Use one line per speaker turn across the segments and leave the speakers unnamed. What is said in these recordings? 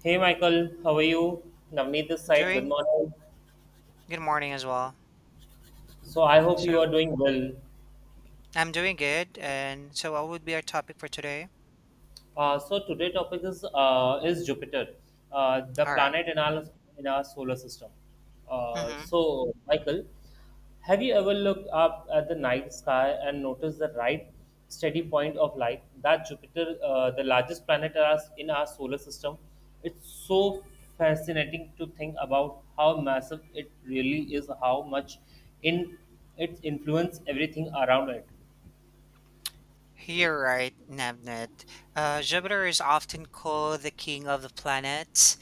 Hey Michael, how are you? Navneet this side, good
Doing
morning.
good morning as well.
So I hope
So
you are doing well.
I'm doing good, and so what would be our topic for today?
So today topic is Jupiter, the
All right.
planet in our solar system. Uh,
Mm-hmm.
so Michael, have you ever looked up at the night sky and noticed the right steady point of light? That Jupiter, the largest planet in our solar system, it's so fascinating to think about how massive it really is, how much in it influence everything around it.
You're right, Nebnet. Jupiter is often called the king of the planets,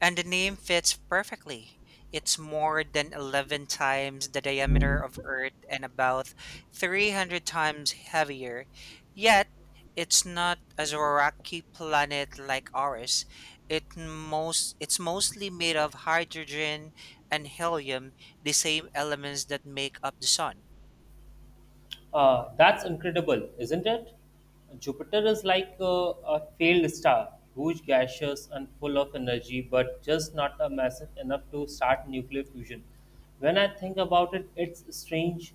and the name fits perfectly. It's more than 11 times the diameter of Earth and about 300 times heavier. Yet, it's not as a rocky planet like ours. It's mostly made of hydrogen and helium, the same elements that make up the sun.
That's incredible, isn't it? Jupiter is like a failed star, huge, gaseous, and full of energy, but just not a massive enough to start nuclear fusion. When I think about it, it's strange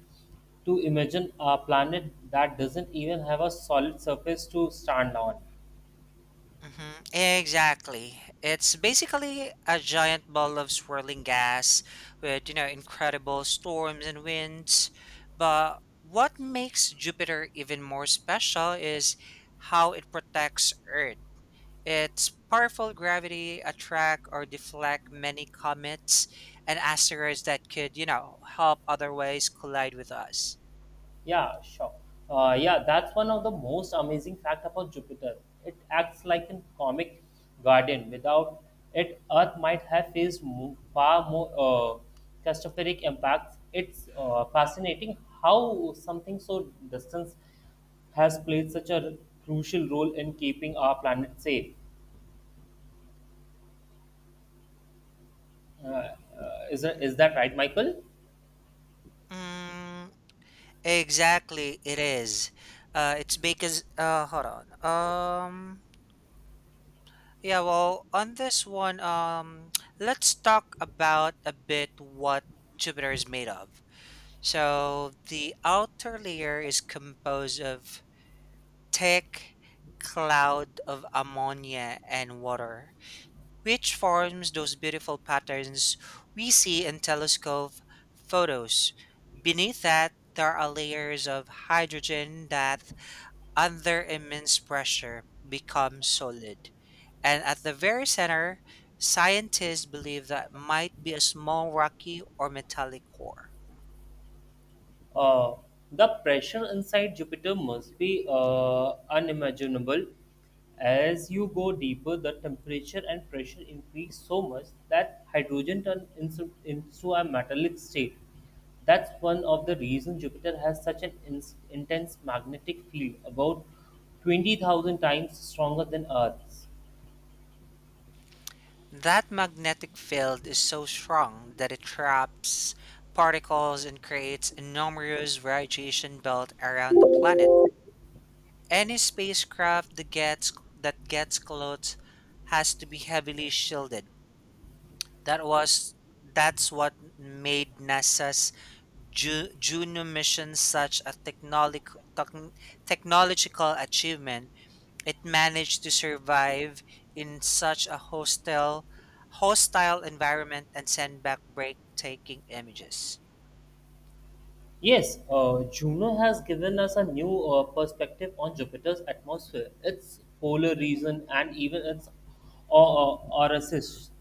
to imagine a planet that doesn't even have a solid surface to stand on.
Exactly. It's basically a giant ball of swirling gas with, you know, incredible storms and winds. But what makes Jupiter even more special is how it protects Earth. Its powerful gravity attract or deflect many comets and asteroids that could, you know, help otherwise collide with us.
Yeah, sure. Yeah, that's one of the most amazing fact about Jupiter. It acts like a comic garden. Without it, Earth might have faced far more catastrophic impacts. It's fascinating how something so distant has played such a crucial role in keeping our planet safe. Uh, uh, is that right, Michael?
Mm, exactly, it is. It's because hold on. Yeah, well, on this one, let's talk about a bit what Jupiter is made of. So the outer layer is composed of thick cloud of ammonia and water, which forms those beautiful patterns we see in telescope photos. Beneath that, there are layers of hydrogen that under immense pressure becomes solid. And at the very center, scientists believe that might be a small rocky or metallic core.
Uh, the pressure inside Jupiter must be unimaginable. As you go deeper, the temperature and pressure increase so much that hydrogen turns into a metallic state. That's one of the reasons Jupiter has such an intense magnetic field, about 20,000 times stronger than Earth's.
That magnetic field is so strong that it traps particles and creates enormous radiation belt around the planet. Any spacecraft that gets close has to be heavily shielded. That was that's what made NASA's junior missions such a technological achievement, it managed to survive in such a hostile environment and send back breathtaking images.
Yes, Juno has given us a new perspective on Jupiter's atmosphere, its polar region, and even its orifice.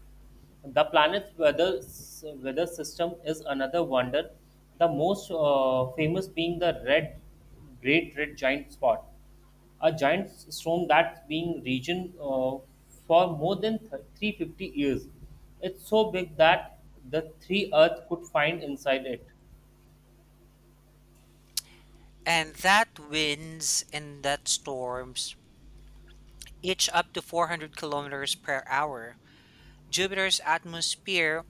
The planet's weather system is another wonder, the most famous being the great red giant spot, a giant storm that's been region for more than 350 years. It's so big that the three Earth could find inside it.
And that winds and that storms, each up to 400 kilometers per hour. Jupiter's atmosphere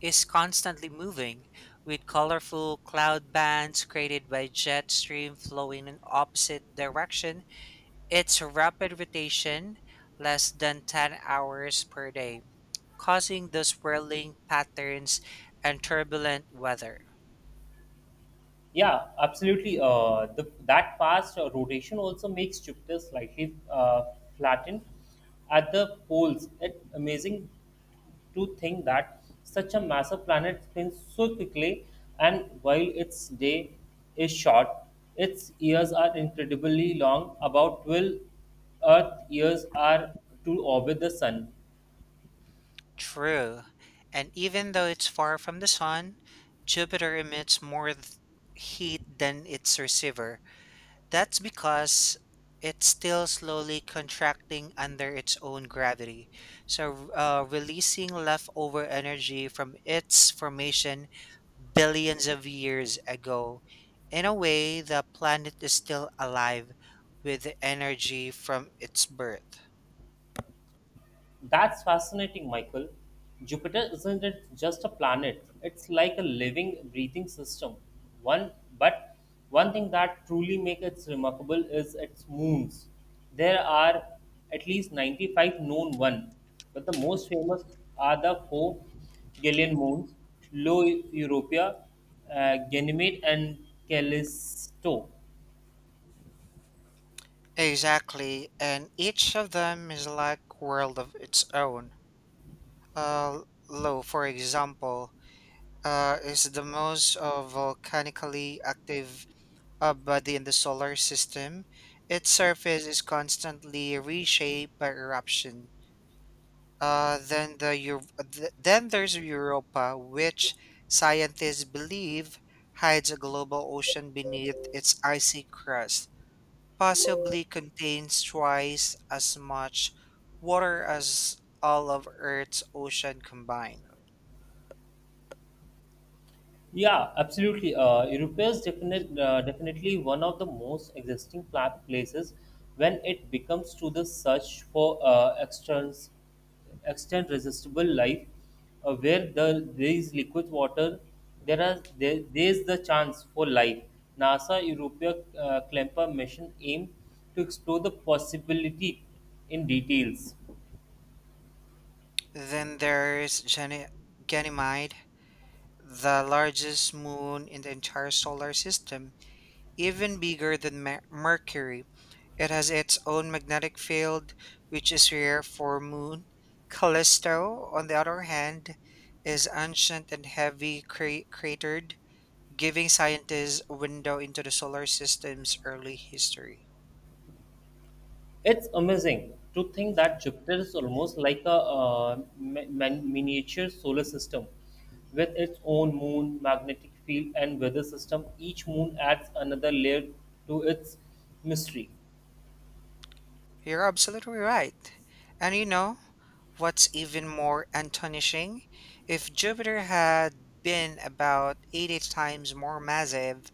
is constantly moving, with colorful cloud bands created by jet stream flowing in opposite direction. It's rapid rotation, less than 10 hours per day, causing the swirling patterns and turbulent weather.
Yeah, absolutely. That fast rotation also makes Jupiter slightly flattened at the poles. It's amazing to think that such a massive planet spins so quickly, and while its day is short, its years are incredibly long. About 12 Earth years are to orbit the Sun.
True. And even though it's far from the sun, Jupiter emits heat than its receiver. That's because it's still slowly contracting under its own gravity, so releasing leftover energy from its formation billions of years ago. In a way, the planet is still alive with the energy from its birth.
That's fascinating, Michael. Jupiter isn't it just a planet? It's like a living, breathing system. One, but one thing that truly makes it remarkable is its moons. There are at least 95 known ones, but the most famous are the four Galilean moons: Io Europa, Ganymede, and Callisto.
Exactly, and each of them is like world of its own. Uh, Lo, for example, is the most volcanically active a body in the solar system, its surface is constantly reshaped by eruption. Uh, then the Eu- then there's Europa, which scientists believe hides a global ocean beneath its icy crust, possibly contains twice as much water as all of Earth's ocean combined.
Yeah, absolutely. Europe is definitely one of the most existing places when it becomes to the search for extend resistible life, where there is liquid water, there is the chance for life. NASA Europa Klemper mission aimed to explore the possibility in details.
Then there's Gany- Ganymede, the largest moon in the entire solar system. Even bigger than Mercury, it has its own magnetic field, which is rare for moon. Callisto, on the other hand, is ancient and heavy cratered, giving scientists a window into the solar system's early history.
It's amazing to think that Jupiter is almost like a miniature solar system with its own moon, magnetic field, and weather system. Each moon adds another layer to its mystery.
You're absolutely right. And you know what's even more astonishing? If Jupiter had been about 80 times more massive,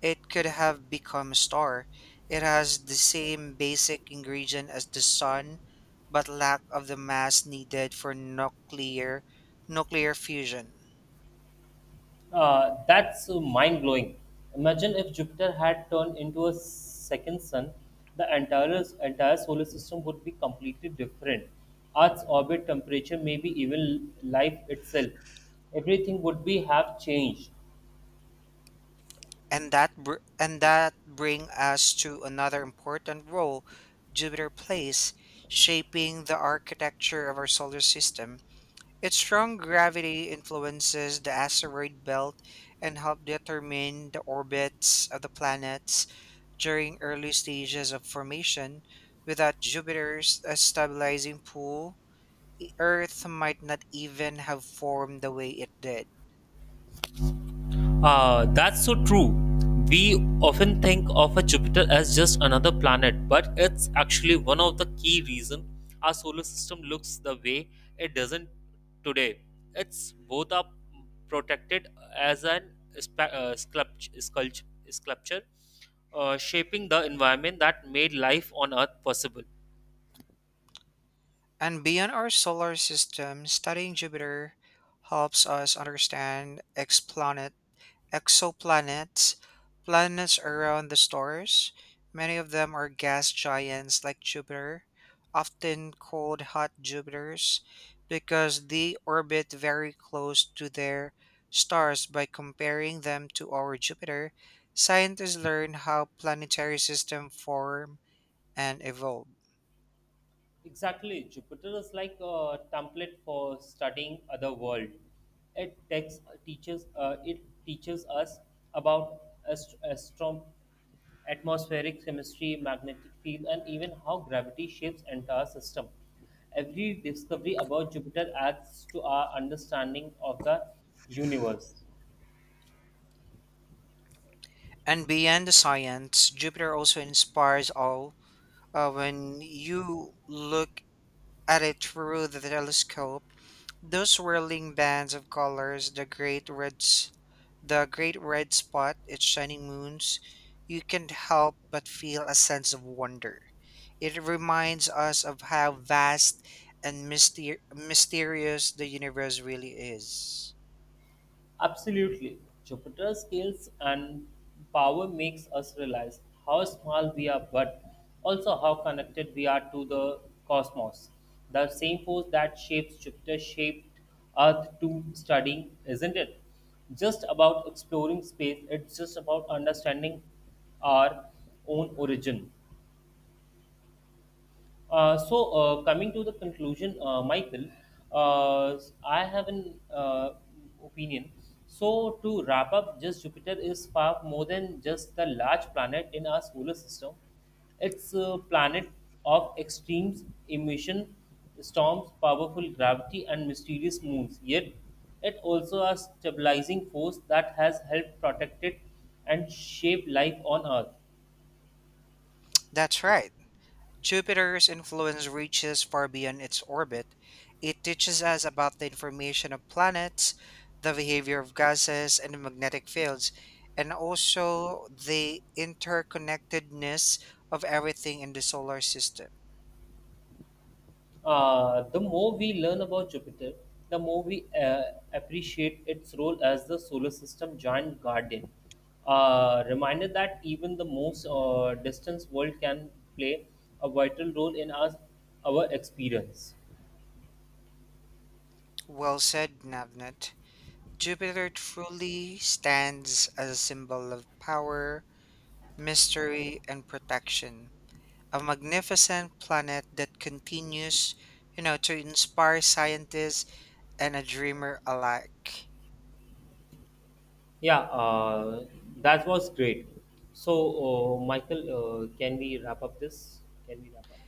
it could have become a star. It has the same basic ingredient as the sun, but lack of the mass needed for nuclear fusion.
That's mind blowing. Imagine if Jupiter had turned into a second sun, the entire solar system would be completely different. Earth's orbit, temperature, maybe even life itself everything would be have changed.
And that bring us to another important role Jupiter plays shaping the architecture of our solar system. Its strong gravity influences the asteroid belt and help determine the orbits of the planets during early stages of formation. Without Jupiter's stabilizing pull, Earth might not even have formed the way it did.
Ah, that's so true. We often think of a Jupiter as just another planet, but it's actually one of the key reasons our solar system looks the way it doesn't today. It's both are protected as an spa- uh, sculpt- sculpt- sculpture, shaping the environment that made life on Earth possible.
And beyond our solar system, studying Jupiter helps us understand exoplanets. Exoplanets. Planets around the stars. Many of them are gas giants like Jupiter, often called hot Jupiters, because they orbit very close to their stars. By comparing them to our Jupiter, scientists learn how planetary systems form and evolve.
Exactly. Jupiter is like a template for studying other world. It takes, it teaches us about ast- astrom- atmospheric chemistry, magnetic field, and even how gravity shapes entire system. Every discovery about Jupiter adds to our understanding of the universe.
And beyond the science, Jupiter also inspires awe. When you look at it through the telescope, those swirling bands of colors, the great reds, the great red spot, its shining moons, you can't help but feel a sense of wonder. It reminds us of how vast and mysterious the universe really is.
Absolutely. Jupiter's scales and power makes us realize how small we are but also how connected we are to the cosmos. The same force that shapes Jupiter shaped Earth to studying, isn't it? Just about exploring space, it's just about understanding our own origin. Coming to the conclusion, Michael, uh, I have an opinion. So, to wrap up, just Jupiter is far more than just the large planet in our solar system. It's a planet of extremes, emission, storms, powerful gravity, and mysterious moons. Yet, it also a stabilizing force that has helped protect it and shape life on Earth.
That's right. Jupiter's influence reaches far beyond its orbit. It teaches us about the information of planets, the behavior of gases and magnetic fields, and also the interconnectedness of everything in the solar system.
The more we learn about Jupiter, the more we appreciate its role as the solar system giant guardian. Reminder that even the most distant world can play a vital role in our experience.
Well said, Navnet. Jupiter truly stands as a symbol of power, mystery, and protection. A magnificent planet that continues, you know, to inspire scientists and a dreamer alike.
Yeah, uh, that was great. Michael, can we wrap up this? Can we wrap up?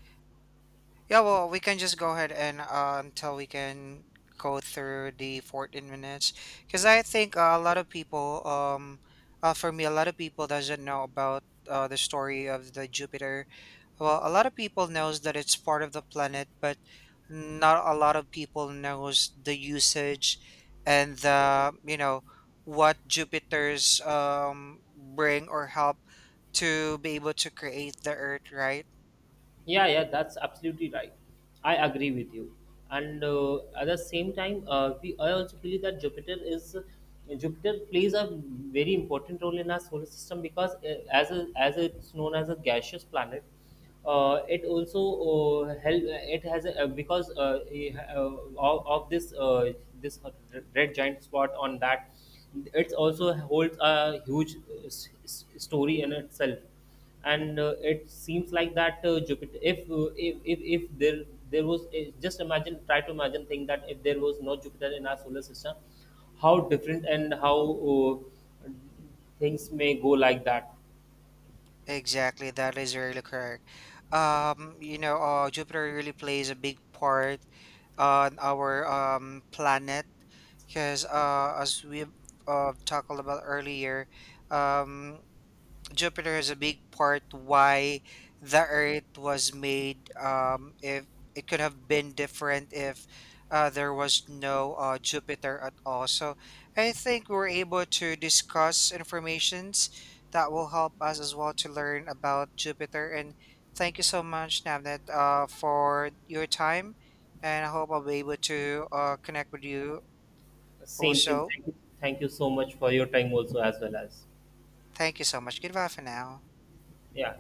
Yeah, well, we can just go ahead and until we can go through the 14 minutes because I think a lot of people, for me, a lot of people doesn't know about the story of the Jupiter. Well, a lot of people knows that it's part of the planet, but not a lot of people knows the usage and the you know what Jupiter's bring or help to be able to create the Earth, right?
Yeah, that's absolutely right. I agree with you. And at the same time, we I also believe that Jupiter plays a very important role in our solar system because as as it's known as a gaseous planet, it also help it has a, because eh, of this this red giant spot on that, it also holds a huge story in itself and it seems like that Jupiter if there was a- just imagine try to imagine think that if there was no Jupiter in our solar system how different and how uh, things may go like that.
Exactly, that is really correct. You know, Jupiter really plays a big part on our planet because as we talked about earlier, um, Jupiter has a big part why the Earth was made. If it could have been different if there was no Jupiter at all. So I think we were able to discuss informations that will help us as well to learn about Jupiter. And thank you so much, Navnet, for your time. And I hope I'll be able to connect with you
Same same
also.
thank you so much for your time also as well as
Thank you so much. Goodbye for now.
yeah.